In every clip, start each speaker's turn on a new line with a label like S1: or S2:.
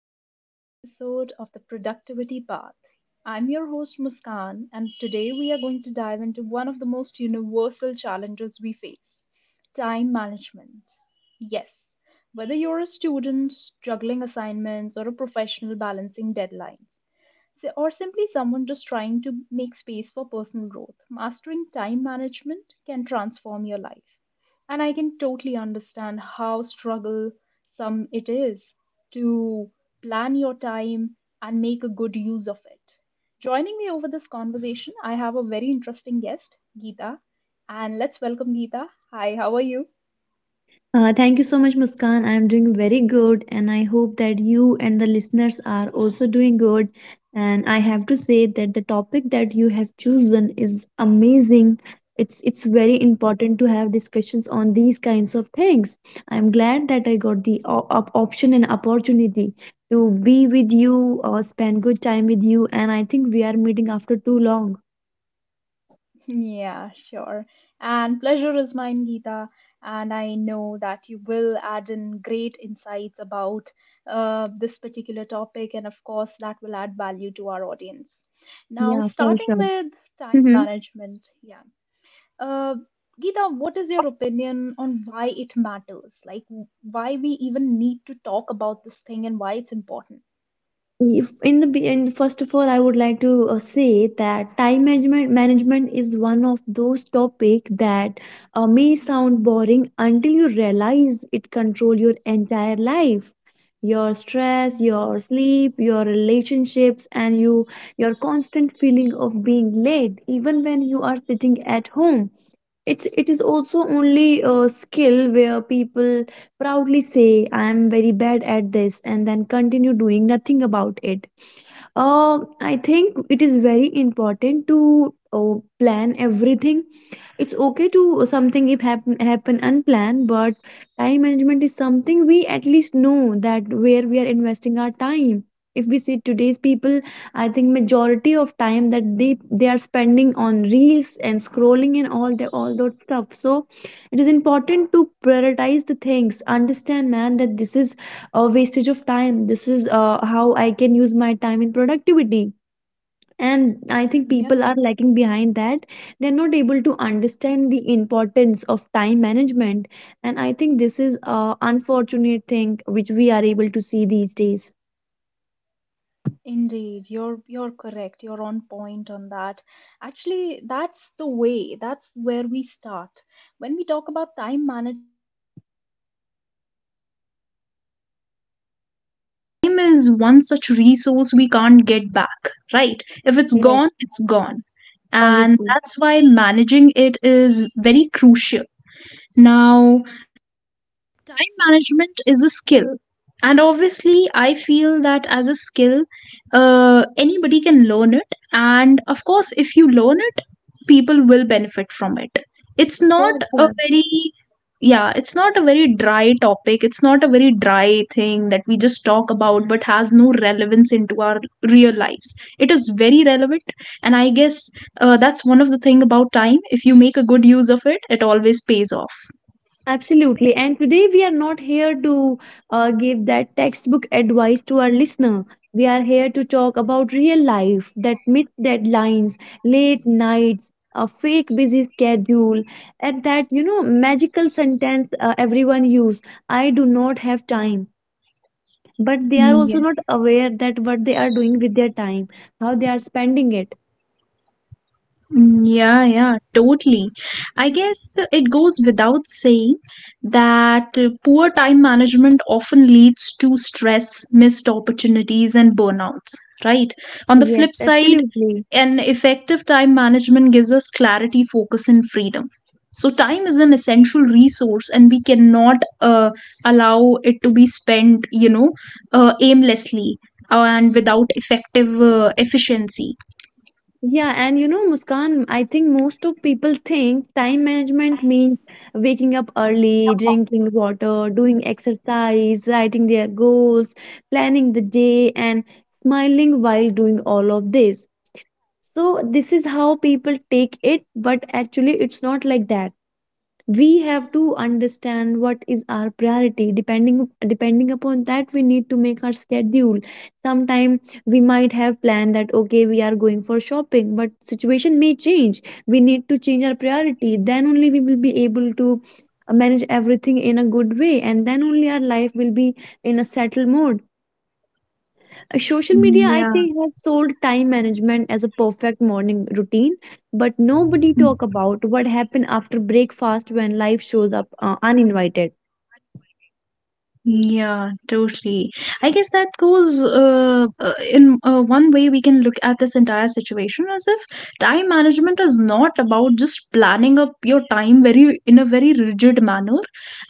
S1: To today's episode of the Productivity Path. I'm your host Muskan, and today we are going to dive into one of the most universal challenges we face: time management. Yes, whether you're a student juggling assignments or a professional balancing deadlines, or simply someone just trying to make space for personal growth, mastering time management can transform your life. And I can totally understand how struggle some it is to plan your time and make a good use of it. Joining me over this conversation, I have a very interesting guest, Geeta. And let's welcome Geeta. Hi, how are you?
S2: Thank you so much, Muskan. I am doing very good, and I hope that you and the listeners are also doing good. And I have to say that the topic that you have chosen is amazing. It's very important to have discussions on these kinds of things. I'm glad that I got the option and opportunity to be with you or spend good time with you. And I think we are meeting after too long.
S1: Yeah, sure. And pleasure is mine, Geeta. And I know that you will add in great insights about this particular topic, and of course, that will add value to our audience. Now,
S2: Yeah, for
S1: starting
S2: sure.
S1: with time
S2: Mm-hmm.
S1: management, yeah. Uh, Geeta, what is your opinion on why it matters? Like, why we even need to talk about this thing and why it's important?
S2: If in the be- in first of all, I would like to say that time management is one of those topic that may sound boring until you realize it control your entire life, your stress,
S1: Mm,
S2: your sleep, your relationships, and you your constant feeling of being late, even when you are sitting at home. It's it is also only a skill where people proudly say I am very bad at this and then continue doing nothing about it. I think it is very important to plan everything. It's okay to something if happen, happen unplanned, but time management is something we at least know that where we are investing our time. If we see today's people, I think majority of time that they are spending on reels and scrolling and all that stuff. So it is important to prioritize the things, understand man that this is a wastage of time, this is how I can use my time in productivity. And I think people
S1: yeah.
S2: are lagging behind that. They're not able to understand the importance of time management, and I think this is a unfortunate thing which we are able to see these days.
S1: Indeed, you're correct. You're on point on that. Actually, that's the way. That's where we start. When we talk about time management, goes, right? Time is one such resource we can't get back, right? If it's
S2: Yes,
S1: gone, it's gone. And
S2: obviously.
S1: that's why managing it is very crucial. Now, time management is a skill. And obviously, I feel that as a skill, anybody can learn it. And of course, if you learn it, people will benefit from it. It's not
S2: Sure, sure.
S1: yeah, it's not a very dry topic. It's not a very dry thing that we just talk about but has no relevance into our real lives. It is very relevant. And I that's one of the thing about time. If you make a good use of it, it always pays off.
S2: Absolutely. And today we are not here to give that textbook advice to our listener. We are here to talk about real life, that missed deadlines, late nights, a fake busy schedule, and that, you know, magical sentence everyone use, I do not have time. But they are also
S1: Нет.
S2: not aware that what they are doing with their time, how they are spending it.
S1: Mm, yeah, yeah, totally. I guess it goes without saying that poor time management often leads to stress, missed opportunities, and burnouts, right? On the
S2: Yes,
S1: flip side,
S2: absolutely.
S1: an effective time management gives us clarity, focus, and freedom. So, time is an essential resource, and we cannot allow it to be spent, you know, aimlessly and without effective efficiency.
S2: Yeah, and you know, Muskan, I think most of people think time management means waking up early, drinking water, doing exercise, writing their goals, planning the day, and smiling while doing all of this. So, this is how people take it, but actually, it's not like that. We have to understand what is our priority, depending upon that we need to make our schedule. Sometime we might have planned that okay we are going for shopping, but situation may change, we need to change our priority, then only we will be able to manage everything in a good way, and then only our life will be in a settled mode. Social
S1: Mm,
S2: media, I
S1: yeah.
S2: think, has sold time management as a perfect morning routine, but nobody talk about what happened after breakfast when life shows up uninvited.
S1: Yeah, totally. I guess that goes in one way we can look at this entire situation as if time management is not about just planning up your time very in a very rigid manner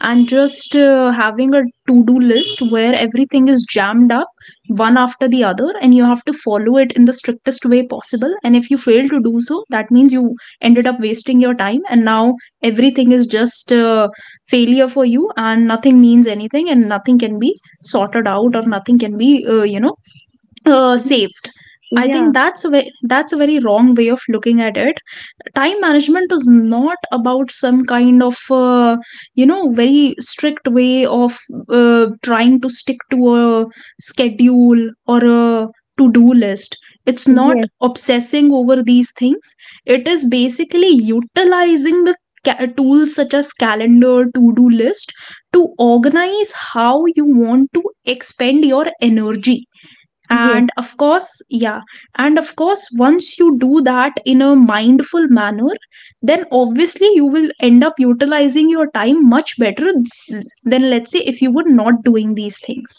S1: and just having a to-do list where everything is jammed up one after the other and you have to follow it in the strictest way possible. And if you fail to do so, that means you ended up wasting your time and now everything is just failure for you and nothing means anything and nothing can be sorted out or nothing can be you know
S2: Mhm.
S1: saved. I
S2: Yeah.
S1: think that's a very wrong way of looking at it. Time management is not about some kind of you know, very strict way of trying to stick to a schedule or a to do list. It's not
S2: Yes.
S1: obsessing over these things. It is basically utilizing the tools such as calendar, to do list, to organize how you want to expend your energy.
S2: Yes.
S1: And of course, yeah, and of course once you do that in a mindful manner, then obviously you will end up utilizing your time much better than, let's say, if you were not doing these things.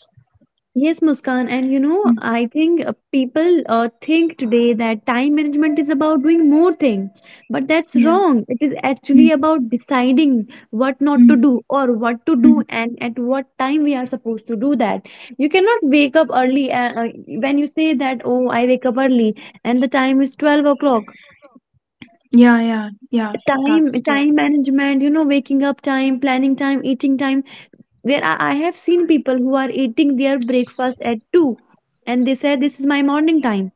S2: Yes, Muskan, and you know,
S1: Mm,
S2: I think people think today that time management is about doing more things, but that's
S1: yeah.
S2: wrong. It is
S1: Mm,
S2: actually about deciding what not
S1: mm,
S2: to do or what to do
S1: mm.
S2: and at what time we are supposed to do that. You cannot wake up early when you say that, oh, I wake up early and the time is 12 o'clock.
S1: Yeah, yeah, yeah.
S2: Time,
S1: That's true.
S2: time management, you know, waking up time, planning time, eating time. There are, I have seen people who are eating their breakfast at 2 and they say this is my morning time.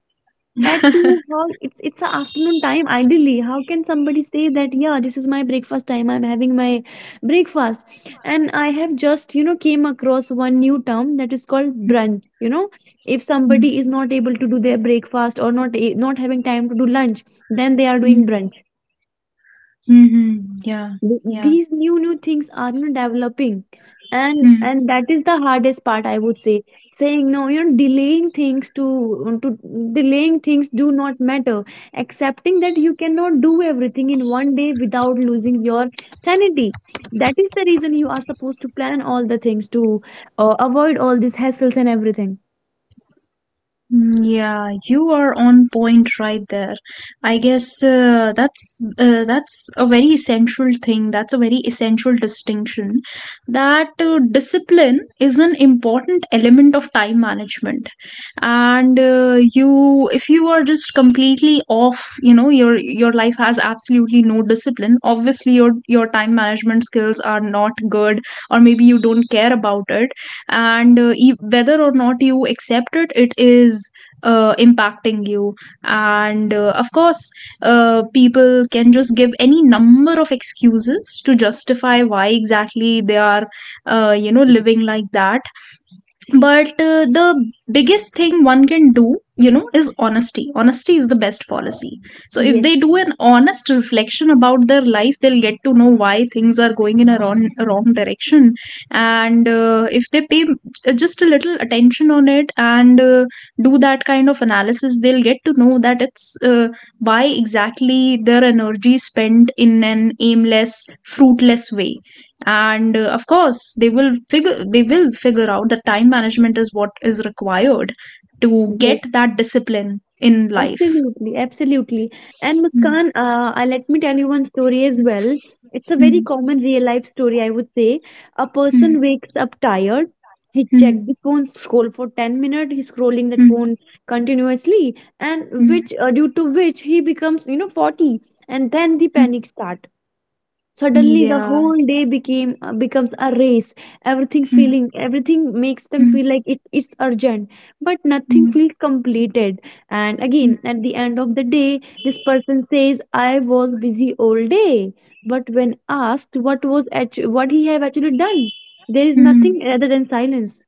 S2: At 2, how it's a afternoon time ideally. How can somebody say that yeah this is my breakfast time, I'm having my breakfast. And I have just you know came across one new term that is called
S1: Mm,
S2: brunch, you know, if
S1: mm,
S2: somebody is not able to do their breakfast or not having time to do lunch, then they are doing
S1: mm.
S2: brunch.
S1: Mhm. Yeah. Yeah.
S2: These new things are you developing,
S1: Mm.
S2: and that is the hardest part I would say, saying no, you know, delaying things to delaying things do not matter, accepting that you cannot do everything in one day without losing your sanity. That is the reason you are supposed to plan all the things to avoid all these hassles and everything.
S1: Mm, yeah, you are on point right there. I guess that's a very essential thing. That's a very essential distinction that discipline is an important element of time management, and you, if you are just completely off, you know, your life has absolutely no discipline, obviously your time management skills are not good, or maybe you don't care about it. And whether or not you accept it, it is impacting you. And of course, people can just give any number of excuses to justify why exactly they are you know, living like that. But the biggest thing one can do, you know, is honesty. Honesty is the best policy. So if
S2: Yes.
S1: they do an honest reflection about their life, they'll get to know why things are going in a wrong direction. And if they pay just a little attention on it and do that kind of analysis, they'll get to know that it's why exactly their energy is spent in an aimless, fruitless way. And of course, they will figure out that time management is what is required to
S2: Yes.
S1: get that discipline in life.
S2: Absolutely, absolutely. And Muskan, let me tell you one story as well. It's a very
S1: Mm,
S2: common real life story, I would say. A person
S1: mm,
S2: wakes up tired. He
S1: mm,
S2: checked the phone, scroll for 10 minutes. He's scrolling that
S1: mm, mm,
S2: phone continuously, and
S1: mm,
S2: which due to which he becomes, you know, 40. And then the
S1: mm,
S2: panic
S1: mm.
S2: starts. Suddenly the
S1: Yeah.
S2: whole day became becomes a race.
S1: Mm,
S2: Everything makes them
S1: mm,
S2: feel like it is urgent, but nothing
S1: mm,
S2: feels completed. And
S1: mm,
S2: again, at the end of the day, this person says, "I was busy all day," but when asked what was what he have actually done, there is
S1: mm.
S2: nothing other than silence.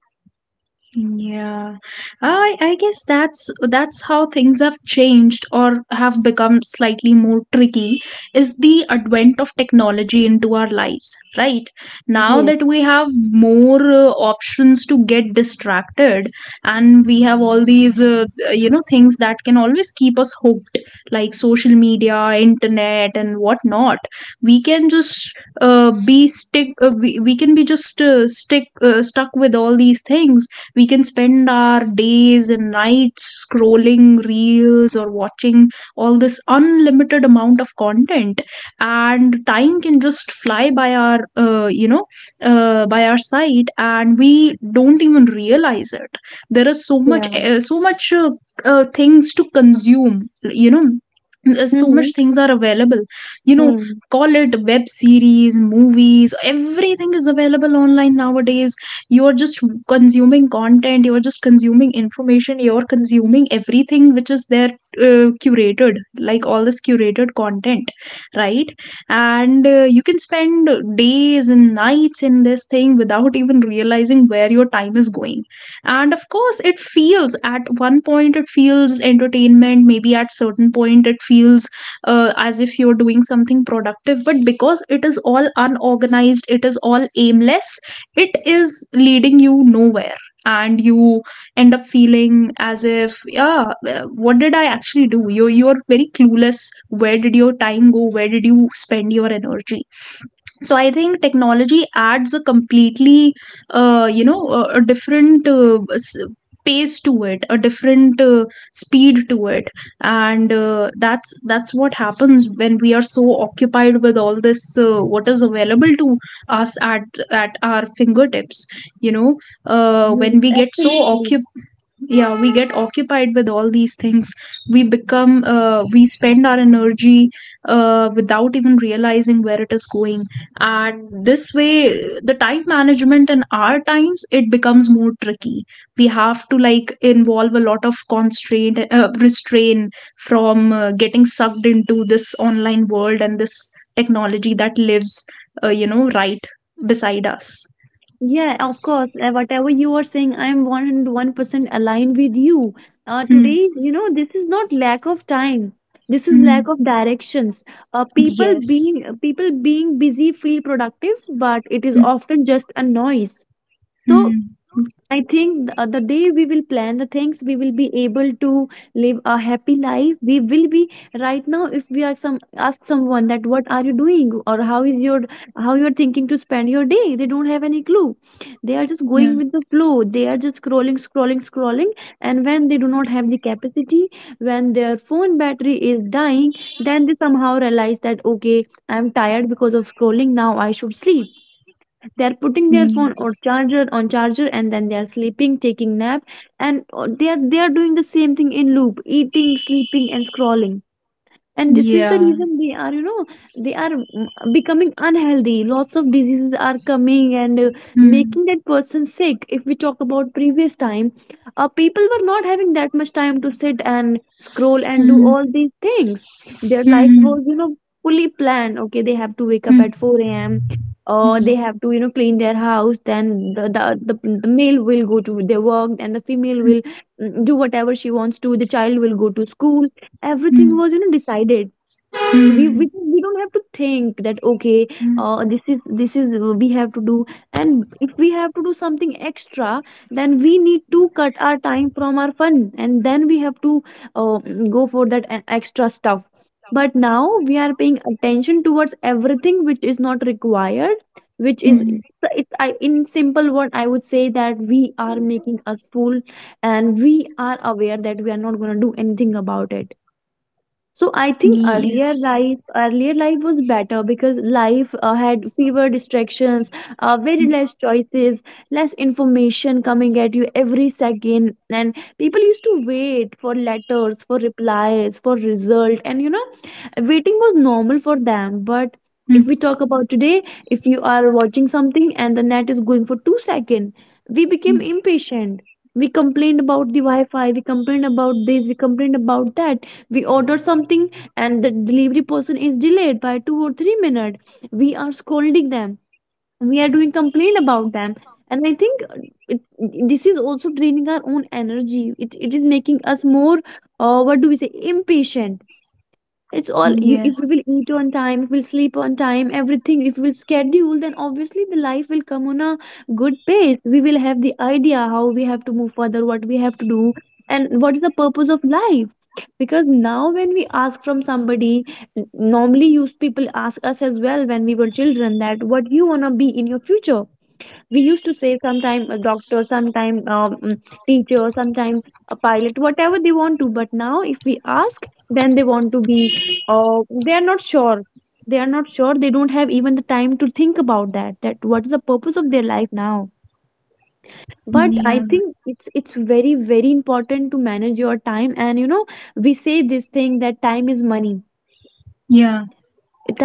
S1: Yeah, I guess that's how things have changed or have become slightly more tricky is the advent of technology into our lives, right? Now
S2: Yes.
S1: that we have more options to get distracted, and we have all these you know, things that can always keep us hooked, like social media, internet, and whatnot. We can just We can be just stick stuck with all these things. We can spend our days and nights scrolling reels or watching all this unlimited amount of content, and time can just fly by our you know, by our side and we don't even realize it. There is so much
S2: Yeah.
S1: uh, so much uh, uh, things to consume, you know. So
S2: Mm-hmm.
S1: much things are available, you know. Call it web series, movies, everything is available online nowadays. You're just consuming content, you're just consuming information, you're consuming everything which is there, curated, like all this curated content, right? And you can spend days and nights in this thing without even realizing where your time is going. And of course, it feels, at one point it feels entertainment, maybe at certain point it feels as if you're doing something productive, but because it is all unorganized, it is all aimless, it is leading you nowhere. And you end up feeling as if, yeah, what did I actually do? You are, you're very clueless. Where did your time go? Where did you spend your energy? So I think technology adds a completely you know, a different pace to it, a different speed to it. And that's what happens when we are so occupied with all this what is available to us at our fingertips, you know.
S2: Yes,
S1: When we get so,
S2: absolutely.
S1: yeah, we get occupied with all these things. We become we spend our energy without even realizing where it is going. And this way, the time management in our times, it becomes more tricky. We have to, like, involve a lot of constraint restraint from getting sucked into this online world and this technology that lives you know, right beside us.
S2: Yeah, of course. Whatever you are saying, I am 101% aligned with you.
S1: Hmm.
S2: Today, you know, this is not lack of time. This is
S1: Hmm.
S2: lack of directions.
S1: Yes.
S2: People being busy feel productive, but it is
S1: Hmm.
S2: often just a noise. So
S1: Hmm.
S2: I think the day we will plan the things, we will be able to live a happy life. We will be right now. If we are some ask someone that what are you doing or how is your how you are thinking to spend your day, they don't have any clue. They are just
S1: Yeah.
S2: going with the flow. They are just scrolling, scrolling, scrolling. And when they do not have the capacity, when their phone battery is dying, then they somehow realize that okay, I'm tired because of scrolling. Now I should sleep. They're putting
S1: Mm,
S2: their phone or
S1: yes.
S2: charger on charger and then they are sleeping, taking nap. And they are doing the same thing in loop, eating, sleeping and scrolling. And this is the
S1: Yeah.
S2: reason they are you know, they are becoming unhealthy, lots of diseases are coming and
S1: Mm.
S2: making that person sick. If we talk about previous time, people were not having that much time to sit and scroll and do
S1: Mm.
S2: all these things. Their life
S1: Mm.
S2: was you know fully planned, okay they have to wake up
S1: Mm.
S2: at 4 a.m. or they
S1: Mm.
S2: have to you know clean their house, then the, the, the male will go to their work and the female will do whatever she wants to, the child will go to school, everything was you know decided.
S1: Mm.
S2: We don't have to think that okay
S1: Mm.
S2: this is we have to do, and if we have to do something extra, then we need to cut our time from our fun and then we have to uh, go for that extra stuff. But now we are paying attention towards everything which is not required, which
S1: Mm.
S2: is,
S1: Mm.
S2: so in simple word I would say that we are making a fool, and we are aware that we are not going to do anything about it. So I think
S1: Yes.
S2: earlier life was better because life had fewer distractions, very less choices, less information coming at you every second, and people used to wait for letters, for replies, for result, and you know waiting was normal for them. But if
S1: Mm.
S2: we talk about today, if you are watching something and the net is going for 2 seconds, we became
S1: Mm.
S2: impatient, we complained about the wi-fi, we complained about this, we complained about that. We order something and the delivery person is delayed by 2 or 3 minutes, we are scolding them, we are doing complaint about them. And I think it, this is also draining our own energy. It is making us more what do we say, impatient. It's all you, if we will
S1: Yes.
S2: eat on time, if we'll sleep on time, everything if we'll schedule, then obviously the life will come on a good pace. We will have the idea how we have to move further, what we have to do, and what is the purpose of life. Because now when we ask from somebody, normally used people ask us as well when we were children that what you want to be in your future, we used to say sometime a doctor, sometime teacher, sometime a pilot, whatever they want to. But now if we ask, then they want to be uh, they are not sure. They don't have even the time to think about that, that what is the purpose of their life now. But I
S1: Yeah.
S2: think it's very very important to manage your time, and you know we say this thing that time is money.
S1: Yeah.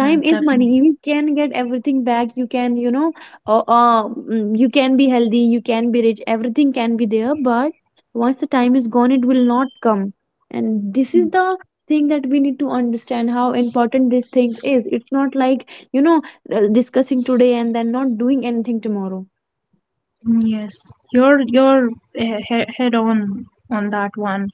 S1: Yeah.
S2: is money.
S1: Definitely.
S2: You can get everything back, you can you can be healthy, you can be rich, everything can be there, but once the time is gone it will not come. And this is the thing that we need to understand, how important this thing is. It's not like discussing today and then not doing anything tomorrow.
S1: Yes, you're head on that one.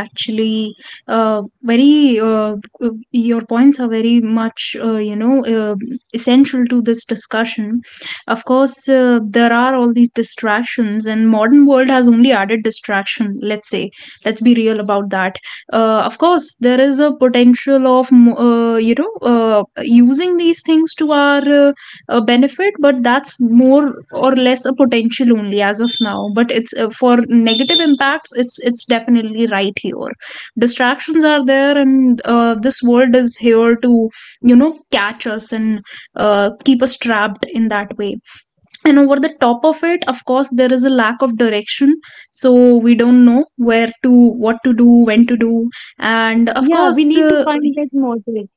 S1: Actually, uh, very your points are very much you know, essential to this discussion. Of course, there are all these distractions, and modern world has only added distraction. Let's say, let's be real about that. Of course, there is a potential of you know, using these things to our a benefit, but that's more or less a potential only as of now. But it's for negative impacts, it's definitely right here. Distractions are there, and this world is here to, you know, catch us and keep us trapped in that way. And over the top of it, of course, there is a lack of direction. So we don't know where to, what to do, when to do. And of
S2: Yeah, we
S1: course,
S2: need to find that motivate.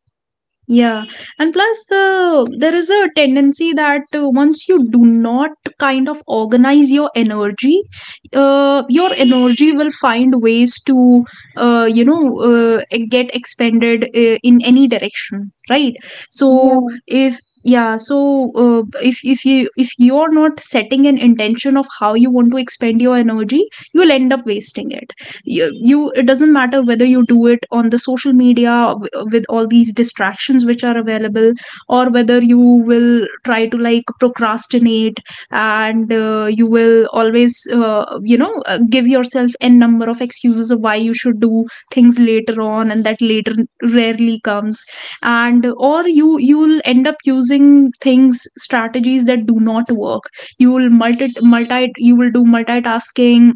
S1: yeah, and plus there is a tendency that once you do not kind of organize your energy will find ways to you know, get expended in any direction, right? So if yeah, so if you if you're not setting an intention of how you want to expend your energy, you'll end up wasting it you, you it doesn't matter whether you do it on the social media with all these distractions which are available, or whether you will try to like procrastinate. And you will always give yourself n number of excuses of why you should do things later on, and that later rarely comes. And or you you'll end up using things strategies that do not work. You will multi multi you will do multitasking,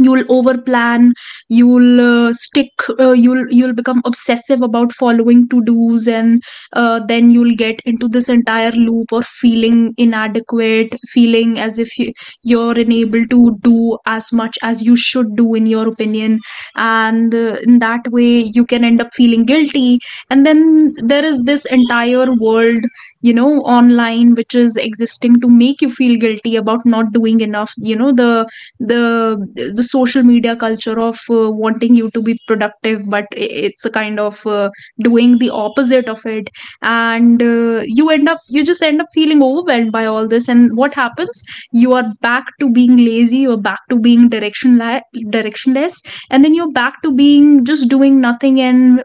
S1: you'll overplan, you'll uh, stick you'll become obsessive about following to do's And then you'll get into this entire loop of feeling inadequate, feeling as if you're unable to do as much as you should do in your opinion, and in that way you can end up feeling guilty. And then there is this entire world, you know, online which is existing to make you feel guilty about not doing enough, you know, the the social media culture of wanting you to be productive, but it's a kind of doing the opposite of it. And you end up, you just end up feeling overwhelmed by all this, and what happens? You are back to being lazy, you're back to being directionless, and then you're back to being just doing nothing and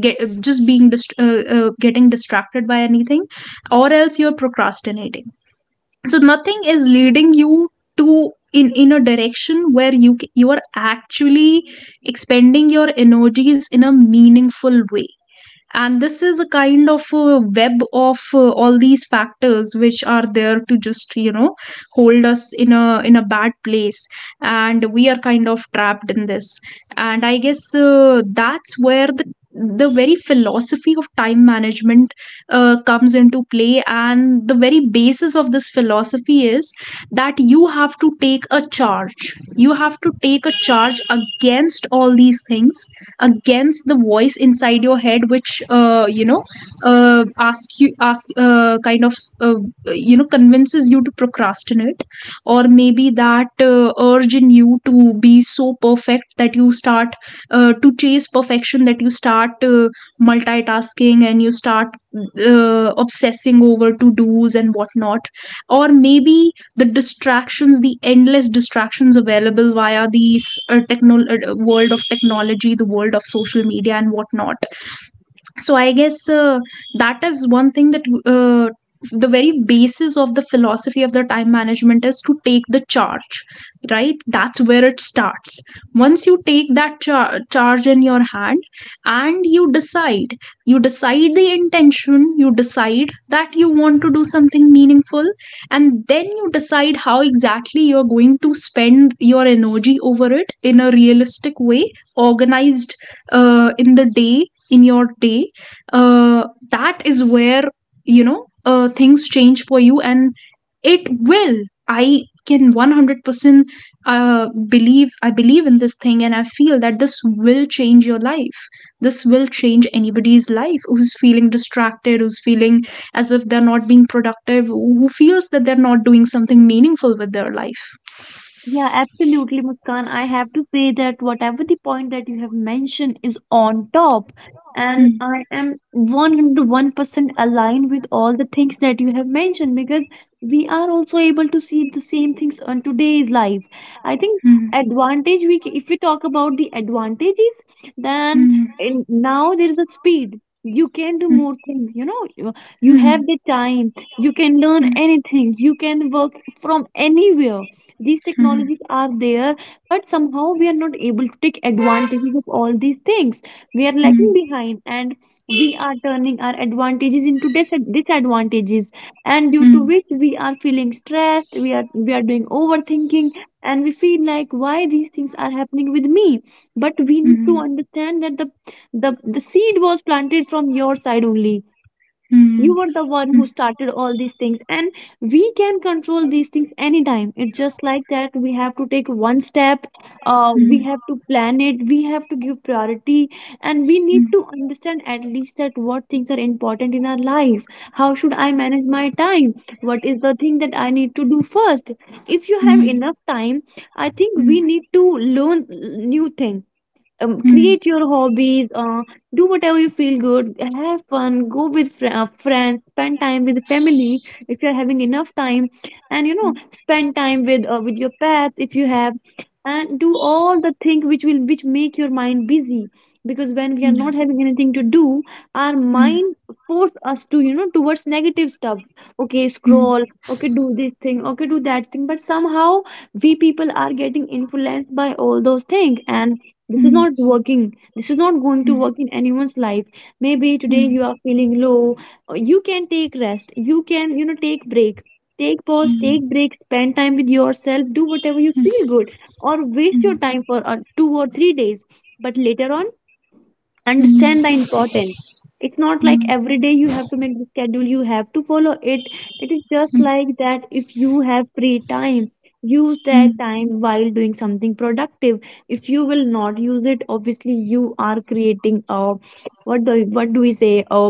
S1: just getting distracted by anything, or else you're procrastinating. So nothing is leading you to, in a direction where you are actually expending your energies in a meaningful way. And this is a kind of a web of all these factors which are there to just, you know, hold us in a bad place, and we are kind of trapped in this. And I guess that's where the very philosophy of time management comes into play. And the very basis of this philosophy is that you have to take a charge, you have to take a charge against all these things, against the voice inside your head which, you know ask you ask kind of uh, you know convinces you to procrastinate. Or maybe that urge in you to be so perfect that you start to chase perfection, that you start multitasking, and you start obsessing over to do's and whatnot. Or maybe the distractions, the endless distractions available via these world of technology, the world of social media, and whatnot. So I guess that is one thing, that the very basis of the philosophy of the time management is to take the charge. Right, that's where it starts. Once you take that charge in your hand, and you decide, you decide the intention, you decide that you want to do something meaningful, and then you decide how exactly you're going to spend your energy over it in a realistic way, organized in the day, in your day, that is where, you know, things change for you. And it will, I can 100% uh, believe in this thing, and I feel that this will change your life. This will change anybody's life who's feeling distracted, who's feeling as if they're not being productive, who feels that they're not doing something meaningful with their life.
S2: Yeah, absolutely, Muskan. I have to say that whatever the point that you have mentioned is on top. And
S1: Hmm,
S2: I am 101% aligned with all the things that you have mentioned, because we are also able to see the same things on today's life. I think
S1: hmm,
S2: advantage if we talk about the advantages, then
S1: hmm,
S2: in, now there is a speed. You can do
S1: hmm,
S2: more things, you know. You have
S1: hmm,
S2: the time. You can learn
S1: hmm,
S2: anything. You can work from anywhere, these
S1: hmm,
S2: technologies are there. But somehow we are not able to take advantages of all these things, we are
S1: hmm,
S2: lagging behind, and we are turning our advantages into disadvantages. And due to
S1: hmm,
S2: which we are feeling stressed, we are doing overthinking, and we feel like why these things are happening with me. But we need to
S1: hmm,
S2: understand that the seed was planted from your side only.
S1: hmm,
S2: You were the one who
S1: hmm.
S2: started all these things. And we can control these things anytime. It's just like that we have to take one step.
S1: hmm.
S2: We have to plan it, we have to give priority. And we need
S1: 嗯
S2: to understand at least that what things are important in our life. How should I manage my time? What is the thing that I need to do first? If you have
S1: 嗯
S2: enough time, I think we
S1: 嗯
S2: need to learn new thing.
S1: 嗯嗯
S2: Create your hobbies, do whatever you feel good, have fun, go with friends, spend time with family if you're having enough time, and you know
S1: 嗯
S2: spend time with your pets if you have. And do all the things which will which make your mind busy. Because when we are not
S1: 嗯
S2: having anything to do, our
S1: 嗯
S2: mind force us to you know towards negative stuff. Okay,
S1: 嗯
S2: scroll.
S1: 嗯
S2: Okay, do this thing. Okay, do that thing. But somehow we people are getting influenced by all those things, and this is
S1: 嗯
S2: not
S1: 嗯
S2: working. This is not going to work in anyone's life. Maybe
S1: 嗯
S2: today you
S1: 嗯
S2: are feeling low. You can take rest, you can you know take break, take pause, take break, spend time with yourself, do whatever you feel good, or waste your
S1: 嗯
S2: time for 2 or 3 days. But later on, understand the
S1: 嗯
S2: importance. It's not like
S1: 嗯
S2: every day you have to make the schedule, you have to follow it. It is just like that if you have free time, use that time while doing something productive. If you will not use it, obviously you are creating a, what do we say, a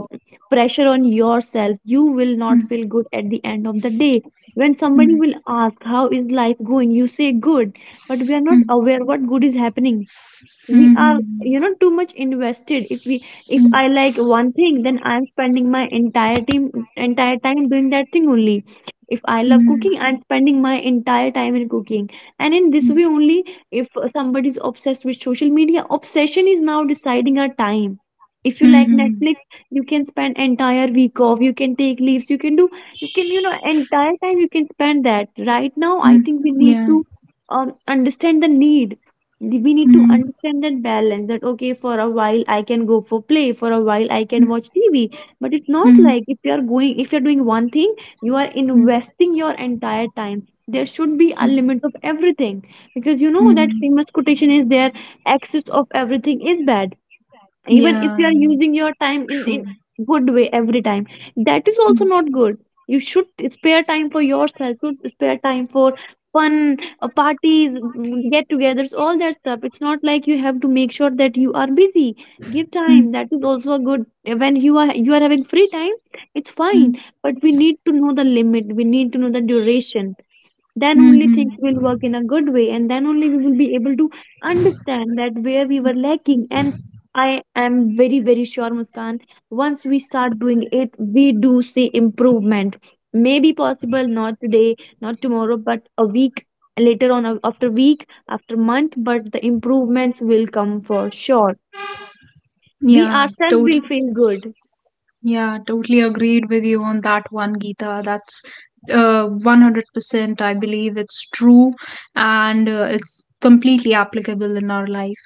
S2: pressure on yourself. You will not feel good at the end of the day. When somebody
S1: 嗯。
S2: will ask how is life going, you say good, but we are not aware what good is happening.
S1: 嗯嗯嗯
S2: We
S1: 嗯
S2: are
S1: 嗯嗯
S2: you know too much invested. If I like one thing, then I'm spending my entire time doing that thing only. If I love cooking, I'm spending my entire time in cooking. And in this way only, if somebody is obsessed with social media, obsession is now deciding our time. If you
S1: 嗯
S2: like
S1: 嗯
S2: Netflix, you can spend entire week off, you can take leaves, you can do, you can you know entire time you can spend that. Right now
S1: 嗯
S2: I think we need
S1: ，yeah，
S2: to understand the need. We need to
S1: 嗯嗯
S2: understand that balance, that okay for a while I can go for play, for a while I can
S1: 嗯
S2: watch TV. But it's not
S1: 嗯嗯
S2: like if you are going if you're doing one thing, you are
S1: 嗯
S2: investing your entire time. There should be a
S1: 嗯嗯嗯
S2: limit
S1: h
S2: of everything. Because you know
S1: 嗯
S2: that
S1: 嗯
S2: famous quotation is there, excess of everything is bad. Even if you are using your time in good way every time, that is also not good. You should spare time for yourself, should spare time for fun, parties, get-togethers, all that stuff. It's not like you have to make sure that you are busy. Give time, that is also a good. When you are having free time, it's fine.
S1: 嗯
S2: But we need to know the limit, we need to know the duration.
S1: 嗯嗯嗯
S2: Then
S1: 嗯
S2: only things
S1: 嗯嗯
S2: will work in a good way, and then only we will be able to understand that where we were lacking. And I am very very sure, Muskan, once we start doing it, we do see improvement. Maybe possible not today, not tomorrow, but a week later on, after week, after month, but the improvements will come for sure. We ourselves will
S1: ，yeah，totally，
S2: feel good.
S1: Yeah, totally agreed with you on that one, Geeta. That's 100%. I believe it's true, and it's completely applicable in our life.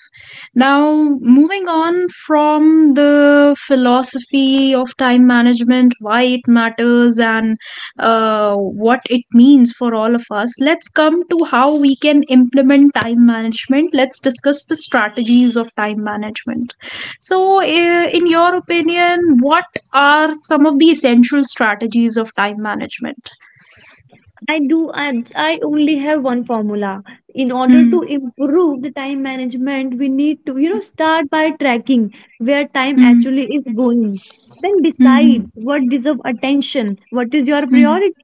S1: Now, moving on from the philosophy of time management, why it matters, and what it means for all of us, let's come to how we can implement time management. Let's discuss the strategies of time management. So, in your opinion, what are some of the essential strategies of time management?
S2: I do. I only have one formula. In order to
S1: Hmm,
S2: improve the time management, we need to, you know, start by tracking where time
S1: hmm,
S2: actually is going. Then decide
S1: hmm,
S2: what deserve attention, what is your
S1: hmm,
S2: priority,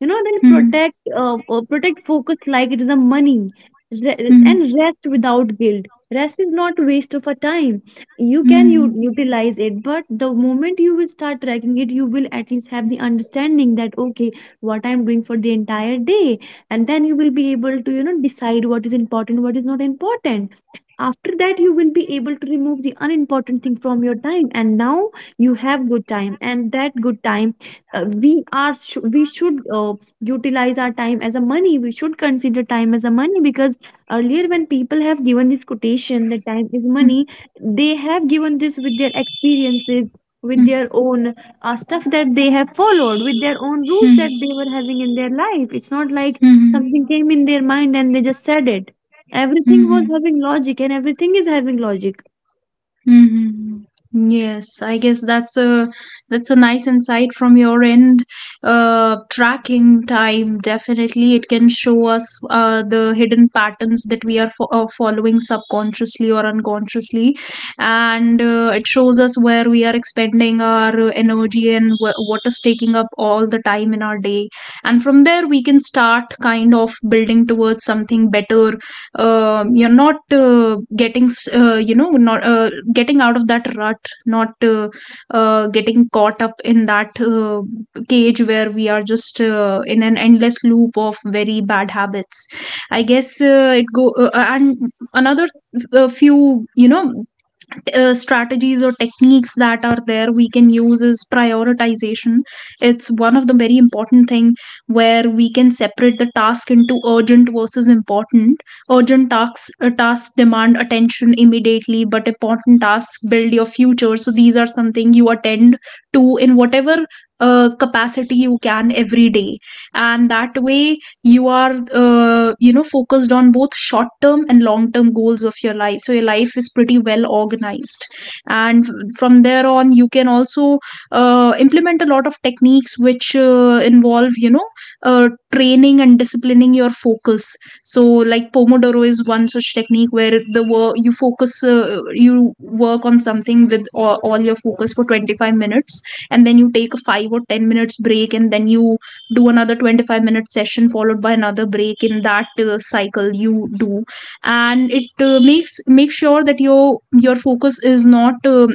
S2: you know. They'll
S1: hmm,
S2: protect protect focus like it is a money,
S1: hmm, hmm,
S2: and rest without guilt. Rest is not waste of a time, you can
S1: hmm,
S2: utilize it. But the moment you will start tracking it, you will at least have the understanding that okay, what I'm doing for the entire day. And then you will be able to you know decide what is important, what is not important. After that you will be able to remove the unimportant thing from your time, and now you have good time. And that good time, we are we should utilize our time as a money. We should consider time as a money. Because earlier when people have given this quotation that time is
S1: hmm,
S2: money, they have given this with their experiences, with
S1: hmm,
S2: their own stuff that they have followed, with their own rules that they were having in their life. It's not like
S1: hmm, hmm,
S2: something came in their mind and they just said it. Everything was
S1: hmm,
S2: having logic and everything is having logic.
S1: Mhm. Yes, I guess that's a nice insight from your end. Tracking time, definitely it can show us the hidden patterns that we are following subconsciously or unconsciously, and it shows us where we are expending our energy and what is taking up all the time in our day. And from there, we can start kind of building towards something better. Uh, you're not getting s- you know not getting out of that rut, not getting caught up in that cage where we are just in an endless loop of very bad habits. I guess uh, it go uh, and another a few, you know, strategies or techniques that are there we can use is prioritization. It's one of the very important thing, where we can separate the task into urgent versus important. Urgent tasks, tasks demand attention immediately, but important tasks build your future, so these are something you attend to in whatever capacity you can every day. And that way, you are, you know, focused on both short term and long term goals of your life, so your life is pretty well organized. And from there on, you can also implement a lot of techniques which involve, you know, training and disciplining your focus. So like pomodoro is one such technique, where the work you focus you work on something with all your focus for 25 minutes, and then you take a 5 or 10 minutes break, and then you do another 25-minute session followed by another break. In that cycle you do, and it make sure that your focus is not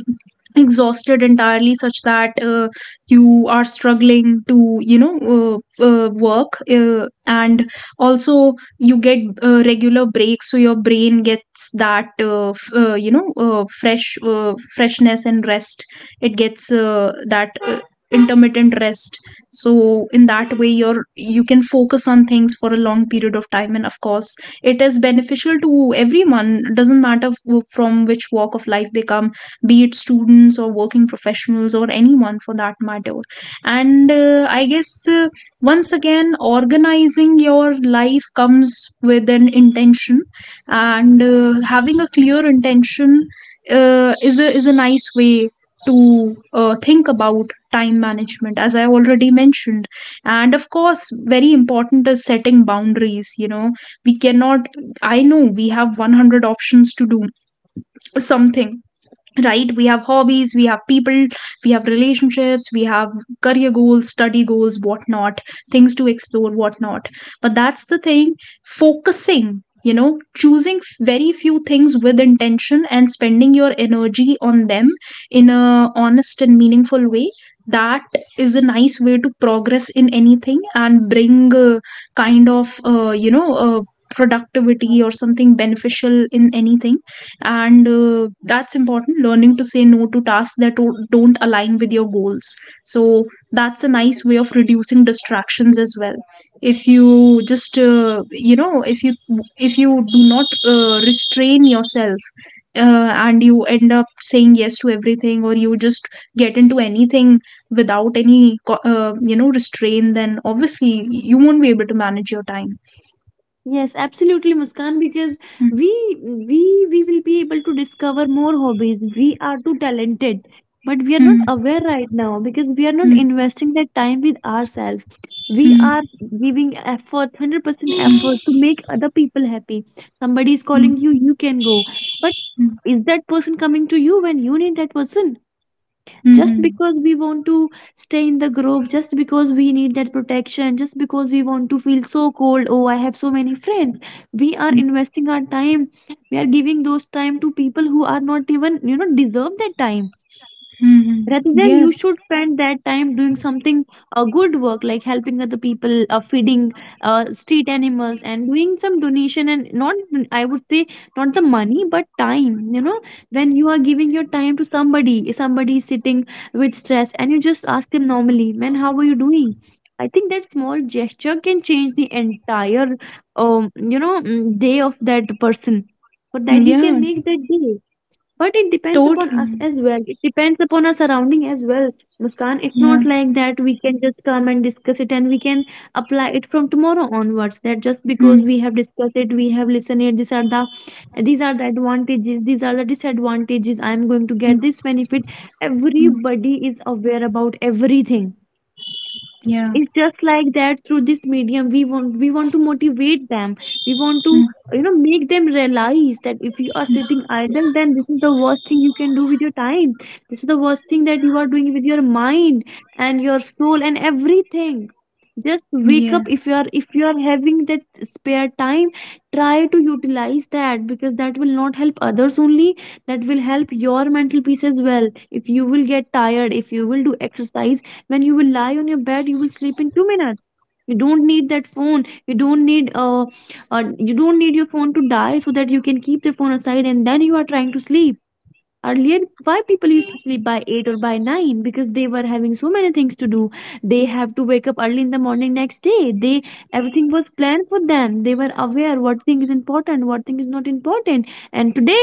S1: exhausted entirely, such that you are struggling to, you know, work, and also you get regular breaks, so your brain gets that freshness and rest. It gets that intermittent rest. So in that way, you can focus on things for a long period of time. And of course, it is beneficial to everyone, doesn't matter from which walk of life they come, be it students or working professionals or anyone for that matter. And I guess once again, organizing your life comes with an intention, and having a clear intention is a nice way to think about time management, as I already mentioned. And of course, very important is setting boundaries, you know. We cannot, I know we have 100 options to do something, right? We have hobbies, we have people, we have relationships, we have career goals, study goals, whatnot, things to explore, whatnot. But that's the thing, focusing, you know, choosing very few things with intention, and spending your energy on them in a honest and meaningful way, that is a nice way to progress in anything and bring kind of uh, you know uh, productivity or something beneficial in anything. And that's important, learning to say no to tasks that don't align with your goals. So that's a nice way of reducing distractions as well. If you just, you know, if you, if you do not restrain yourself, and you end up saying yes to everything, or you just get into anything without any restraint, then obviously you won't be able to manage your time.
S2: Yes, absolutely, Muskan, because we we will be able to discover more hobbies. We are too talented, but we are
S1: Hmm,
S2: not
S1: hmm,
S2: aware right now because we are not
S1: hmm,
S2: investing that time with ourselves. We
S1: hmm,
S2: are giving effort, 100%
S1: hmm,
S2: effort to make other people happy. Somebody is
S1: hmm,
S2: calling you, you can go. But
S1: hmm,
S2: is that person coming to you when you need that person? Just
S1: hmm,
S2: because we want to stay in the group, just because we need that protection, just because we want to feel so cold, oh I have so many friends, we are
S1: hmm.
S2: investing our time, we are giving those time to people who are not even you know deserve that time.
S1: Mm-hmm.
S2: Rather than you
S1: Yes.
S2: should spend that time doing something a good work, like helping other people, feeding street animals, and doing some donation. And not, I would say, not the money but time, you know. When you are giving your time to somebody, if somebody is sitting with stress and you just ask them normally, man, how are you doing, I think that small gesture can change the entire you know day of that person. But that he can
S1: Yeah.
S2: make that day. But it depends upon us
S1: Totally.
S2: as well. It depends upon our surrounding as well. Muskan, it's
S1: Yeah.
S2: not like that we can just come and discuss it and we can apply it from tomorrow onwards. That just because
S1: Mm-hmm.
S2: we have discussed it, we have listened it, these are the, these are the advantages, these are the disadvantages. I am going to get this benefit. Everybody is aware about everything.
S1: Yeah.
S2: It's just like that through this medium we want to motivate them. We want to
S1: Mm.
S2: make them realize that if you are sitting idle, then this is the worst thing you can do with your time. This is the worst thing that you are doing with your mind and your soul and everything. Just wake up.
S1: Yes.
S2: If you are having that spare time, try to utilize that, because that will not help others only, that will help your mental peace as well. If you will get tired, if you will do exercise, when you will lie on your bed, you will sleep in 2 minutes. You don't need that phone. You don't need uh, uh you don't need your phone to die so that you can keep the phone aside and then you are trying to sleep. Earlier, why people used to sleep by 8 or by 9? Because they were having so many things to do. They have to wake up early in the morning next day. They, everything was planned for them. They were aware what thing is important, what thing is not important. And today,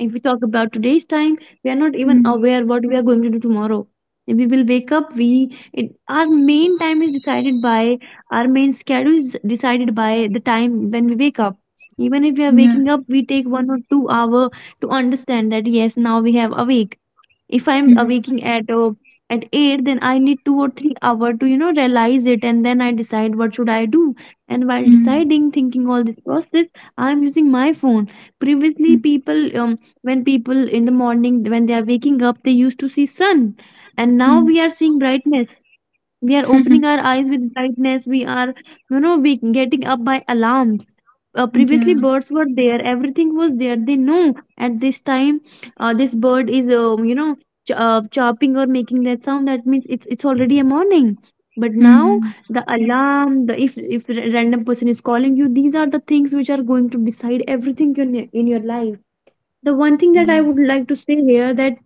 S2: if we talk about today's time, we are not even
S1: Mm.
S2: aware what we are going to do tomorrow. We will wake up. Our main time is decided by, our main schedule is decided by the time when we wake up. Even if we are
S1: Yeah.
S2: waking up, we take 1 or 2 hour to understand that yes, now we have awake. If I'm waking at 8, then I need 2 or 3 hour to realize it, and then I decide what should I do. And while
S1: Mm-hmm.
S2: deciding, thinking all this process, I'm using my phone. Previously people, when people in the morning when they are waking up, they used to see sun. And now we are seeing brightness. We are opening
S1: Mm-hmm.
S2: our eyes with brightness. We are we getting up by alarm. Previously,
S1: yeah.
S2: birds were there, everything was there. They know at this time this bird is chopping or making that sound, that means it's already a morning. But now,
S1: Mm-hmm.
S2: the alarm, the, if a random person is calling you, these are the things which are going to decide everything in your life. The one thing that I
S1: Yeah.
S2: would like to say here, that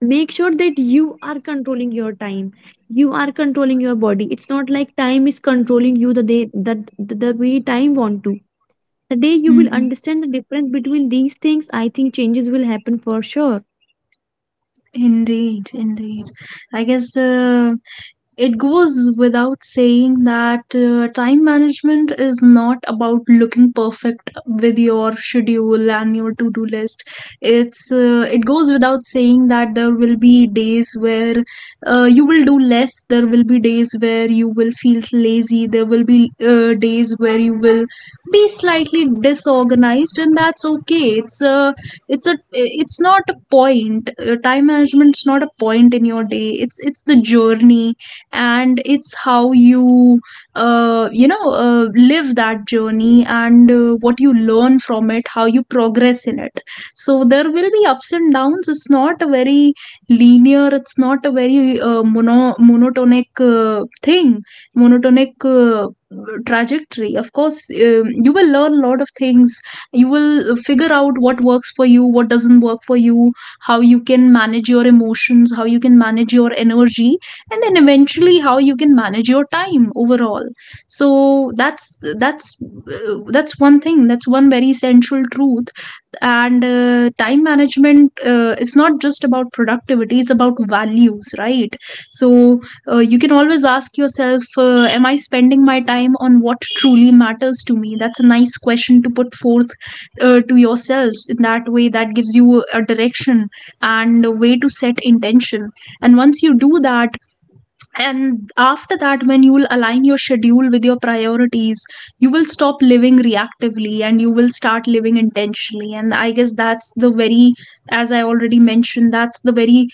S2: make sure that you are controlling your time, you are controlling your body. It's not like time is controlling you, the day that the way time want to. The day you will
S1: Mm-hmm.
S2: understand the difference between these things, I think changes will happen for sure.
S1: Indeed. Indeed. I guess the It goes without saying that time management is not about looking perfect with your schedule and your to-do list. It goes without saying that there will be days where you will do less. There will be days where you will feel lazy. There will be days where you will be slightly disorganized, and that's okay. It's not a point. Time management's not a point in your day. It's the journey, and it's how you you know live that journey and what you learn from it, how you progress in it. So there will be ups and downs. It's not a very linear, it's not a very monotonic thing, monotonic trajectory. Of course, you will learn a lot of things. You will figure out what works for you, what doesn't work for you, how you can manage your emotions, how you can manage your energy, and then eventually how you can manage your time overall. So that's one thing, that's one very central truth. And time management is not just about productivity, it's about values, right? So you can always ask yourself, am I spending my time on what truly matters to me? That's a nice question to put forth to yourselves. In that way, that gives you a direction and a way to set intention. And once you do that, and after that, when you will align your schedule with your priorities, you will stop living reactively and you will start living intentionally. And I guess that's the very, as I already mentioned, that's the very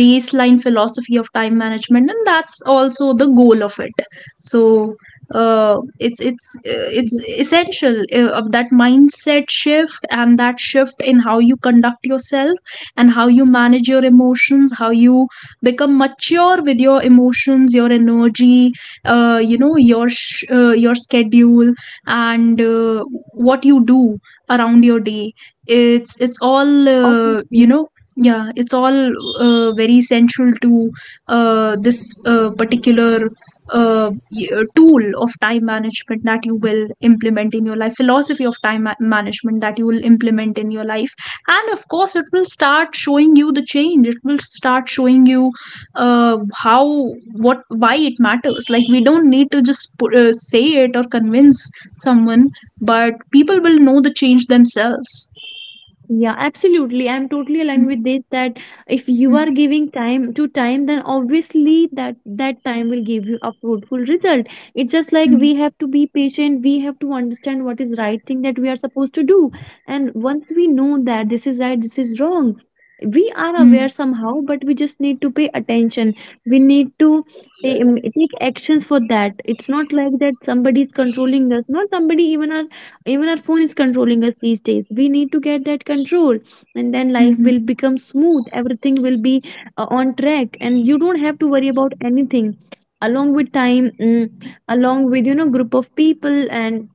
S1: baseline philosophy of time management, and that's also the goal of it. So it's
S2: Yes.
S1: essential of that mindset shift, and that shift in how you conduct yourself, and how you manage your emotions, how you become mature with your emotions, your energy, your schedule, and what you do around your day. it's it's all uh, you
S2: Obviously.
S1: know Yeah, it's all very central to this particular uh, tool of time management that you will implement in your life, philosophy of management that you will implement in your life. And of course, it will start showing you the change, it will start showing you how, what, why it matters. Like, we don't need to just put, say it or convince someone, but people will know the change themselves.
S2: Yeah, absolutely. I'm totally aligned with this, that if you are
S1: Mm,
S2: giving time to time, then obviously that time will give you a fruitful result. It's just like
S1: mm,
S2: we have to be patient, we have to understand what is right thing that we are supposed to do. And once we know that this is right, this is wrong, we are
S1: mm,
S2: aware somehow, but we just need to pay attention. We need to take actions for that. It's not like that somebody is controlling us, not somebody, even our, even our phone is controlling us these days. We need to get that control, and then life
S1: mm,
S2: will become smooth, everything will be on track, and you don't have to worry about anything, along with time, mm, along with group of people. And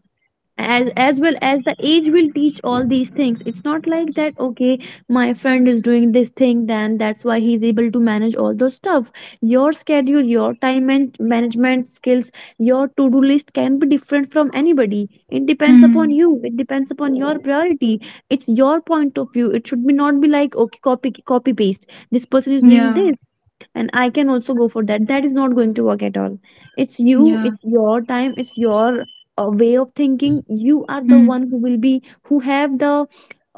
S2: as well as the age will teach all these things. It's not like that okay, my friend is doing this thing, then that's why he's able to manage all those stuff. Your schedule, your time and management skills, your to-do list can be different from anybody. It depends
S1: mm,
S2: upon
S1: mm.
S2: you, it depends upon your priority. It's your point of view. It should be not be like okay, copy paste, this person is doing
S1: Yeah,
S2: this and I can also go for that. That is not going to work at all. It's you,
S1: yeah.
S2: it's your time, it's your way of thinking. You are the
S1: Mm,
S2: one who will be, who have the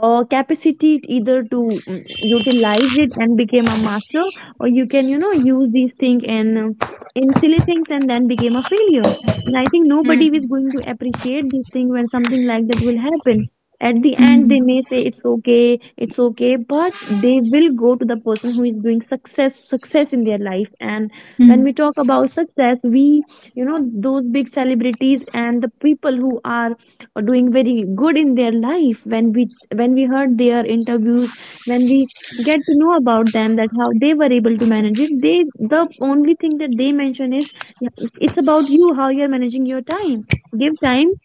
S2: capacity, either to mm, utilize it and become a master, or you can use these things and in silly things and then became a failure. And I think nobody is
S1: mm,
S2: going to appreciate this thing when something like that will happen. At the end,
S1: mm,
S2: they may say it's okay, but they will go to the person who is doing success, success in their life. And when
S1: mm.
S2: we talk about success, we, those big celebrities and the people who are doing very good in their life. When we, when we heard their interviews, when we get to know about them that how they were able to manage it, they, the only thing that they mention is yeah, it's about you, how you're managing your time. Give time,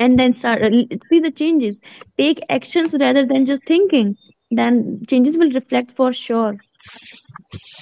S2: and then start see the changes. Take actions rather than just thinking, then changes will reflect for sure.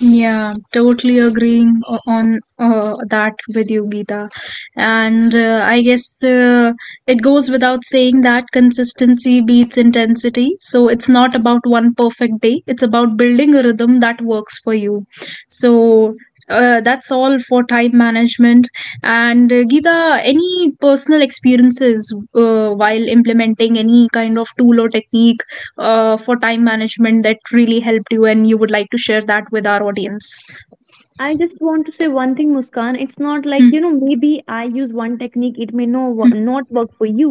S1: Yeah, totally agreeing on that with you, Geeta. And I guess it goes without saying that consistency beats intensity. So it's not about one perfect day, it's about building a rhythm that works for you. So that's all for time management. And Geeta, any personal experiences while implementing any kind of tool or technique for time management that really helped you, and you would like to share that with our audience?
S2: I just want to say one thing, Muskan. It's not
S1: Hmm.
S2: like maybe I use one technique, it may
S1: Hmm.
S2: not work for you.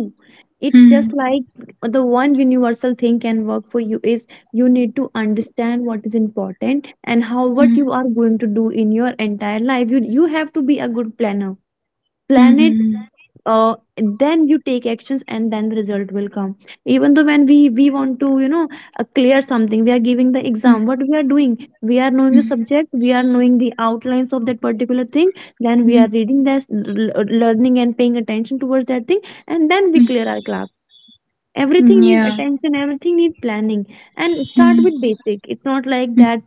S2: It's
S1: Hmm.
S2: just like the one universal thing can work for you is, you need to understand what is important and how,
S1: Hmm.
S2: what you are going to do in your entire life. You have to be a good planner.
S1: Hmm.
S2: Plan it.
S1: Hmm.
S2: Then you take actions and then the result will come. Even though when we want to clear something, we are giving the exam, what we are doing? We are knowing
S1: Hmm.
S2: the
S1: Hmm,
S2: subject, we are knowing the outlines of that particular thing, then we
S1: hmm,
S2: are reading this, learning and paying attention towards that thing, and then we clear our class. Everything
S1: hmm.
S2: need
S1: Yeah.
S2: attention, everything need planning. And
S1: Hmm.
S2: start with basic. It's not like
S1: Hmm.
S2: that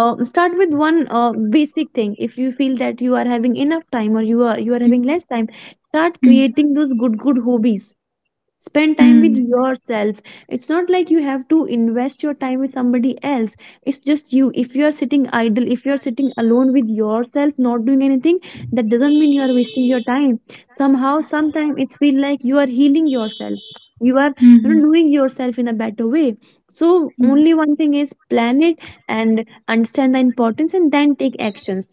S2: start with one basic thing. If you feel that you are having enough time, or you are
S1: Hmm.
S2: having less time, start
S1: Hmm.
S2: creating those good hobbies, spend time with
S1: Hmm.
S2: yourself. It's not like you have to invest your time with somebody else. It's just you. If you are sitting idle, if you are sitting alone with yourself not doing anything, that doesn't mean you are wasting your time. Somehow, sometime it feels like you are healing yourself. You are
S1: Hmm.
S2: doing yourself in a better way. So
S1: Hmm.
S2: only one thing is, plan it, and understand the importance and then take actions.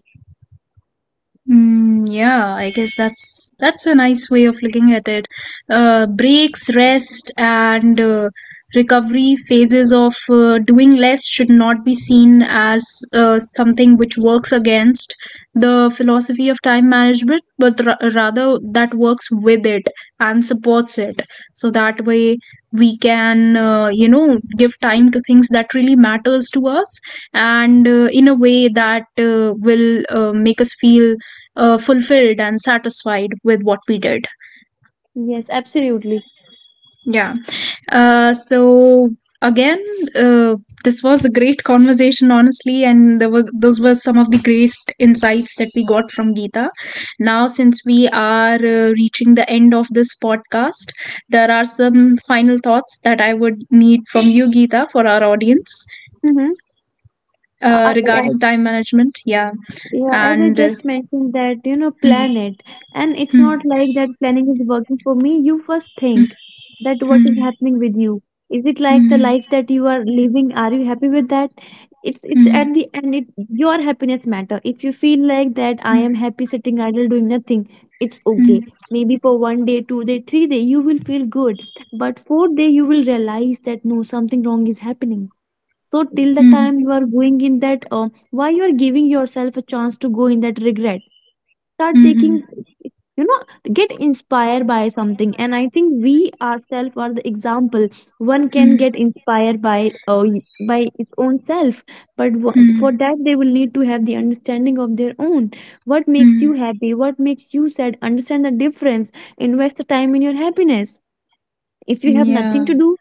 S1: Mm, yeah, I guess that's a nice way of looking at it. Breaks, rest, and recovery phases of doing less should not be seen as something which works against the philosophy of time management, but rather that works with it and supports it. So that way we can, give time to things that really matters to us, and in a way that will make us feel fulfilled and satisfied with what we did.
S2: Yes, absolutely.
S1: Yeah. So again, uh, this was a great conversation, honestly, and there were, those were some of the greatest insights that we got from Geeta. Now, since we are reaching the end of this podcast, there are some final thoughts that I would need from you, Geeta, for our audience regarding
S2: Mm-hmm.
S1: time management. Yeah,
S2: Yeah, as I
S1: and.
S2: just mentioned that, plan
S1: Mm,
S2: it. And it's
S1: mm,
S2: not like that planning is working for me. You first
S1: mm,
S2: think that what is
S1: mm,
S2: happening with you. Is it like the
S1: mm,
S2: life that you are living? Are you happy with that? It's at
S1: mm,
S2: the end, it, your happiness matter. If you feel like that I
S1: mm,
S2: am happy sitting idle doing nothing, it's okay.
S1: mm.
S2: Maybe for one day, two day, three day, you will feel good. But fourth day you will realize that no, something wrong is happening. So till the
S1: Mhm.
S2: time you are going in that, why you are giving yourself a chance to go in that regret? Start taking,
S1: Mhm.
S2: you know get inspired by something. And I think we ourselves are the example. One can
S1: Mhm.
S2: get inspired by its own self. But
S1: Mhm.
S2: for that they will need to have the understanding of their own. What makes you
S1: Mhm.
S2: happy, what makes you sad? Understand the difference. Invest the time in your happiness. If you have nothing
S1: Yeah.
S2: to do,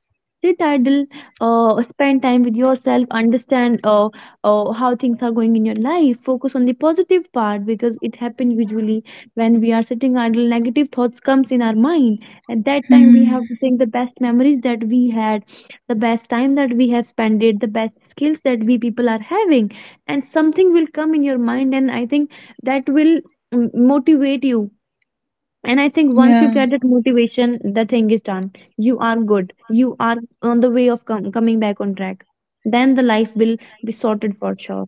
S2: sit idle, spend time with yourself. Understand how things are going in your life. Focus on the positive part, because it happens usually when we are sitting idle, negative thoughts comes in our mind. At that time, we have
S1: Mhm.
S2: to think the best memories that we had, the best time that we have spent it, the best skills that we people are having, and something will come in your mind. And I think that will mm, motivate you. And I think once you
S1: Yeah.
S2: get that motivation, the thing is done. You are good. You are on the way of coming back on track. Then the life will be sorted for sure.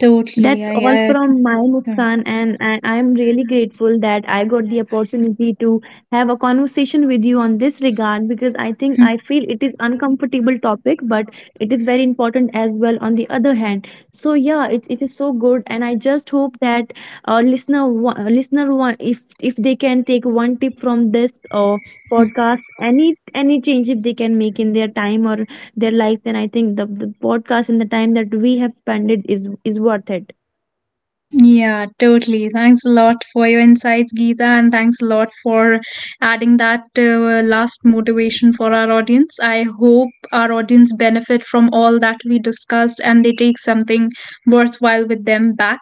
S1: Totally.
S2: That's all
S1: I. I.
S2: from my Muskan, and I'm really grateful that I got the opportunity to have a conversation with you on this regard, because I think
S1: Yeah.
S2: I feel it is uncomfortable topic, but it is very important as well. On the other hand, so yeah, it is so good, and I just hope that if they can take one tip from this podcast, any change if they can make in their time or their life, then I think the podcast and the time that we have spent it is worth it.
S1: Yeah, totally. Thanks a lot for your insights, Geeta, and thanks a lot for adding that last motivation for our audience. I hope our audience benefit from all that we discussed and they take something worthwhile with them back.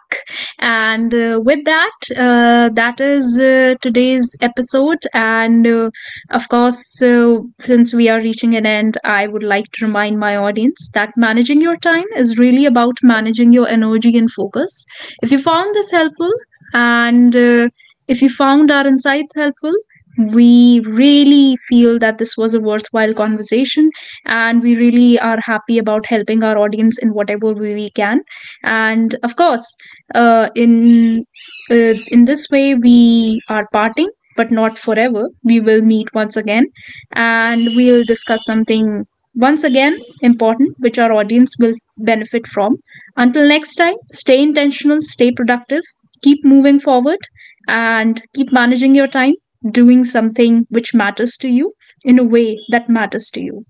S1: And with that, that is today's episode. And of course, since we are reaching an end, I would like to remind my audience that managing your time is really about managing your energy and focus. If you found this helpful, and if you found our insights helpful, we really feel that this was a worthwhile conversation, and we really are happy about helping our audience in whatever way we can. And of course, uh, in in this way we are parting, but not forever. We will meet once again, and we'll discuss something once again important which our audience will benefit from. Until next time, stay intentional, stay productive, keep moving forward, and keep managing your time, doing something which matters to you in a way that matters to you.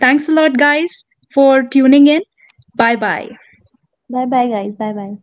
S1: Thanks a lot, guys, for tuning in. Bye bye.
S2: 拜拜，guys，拜拜。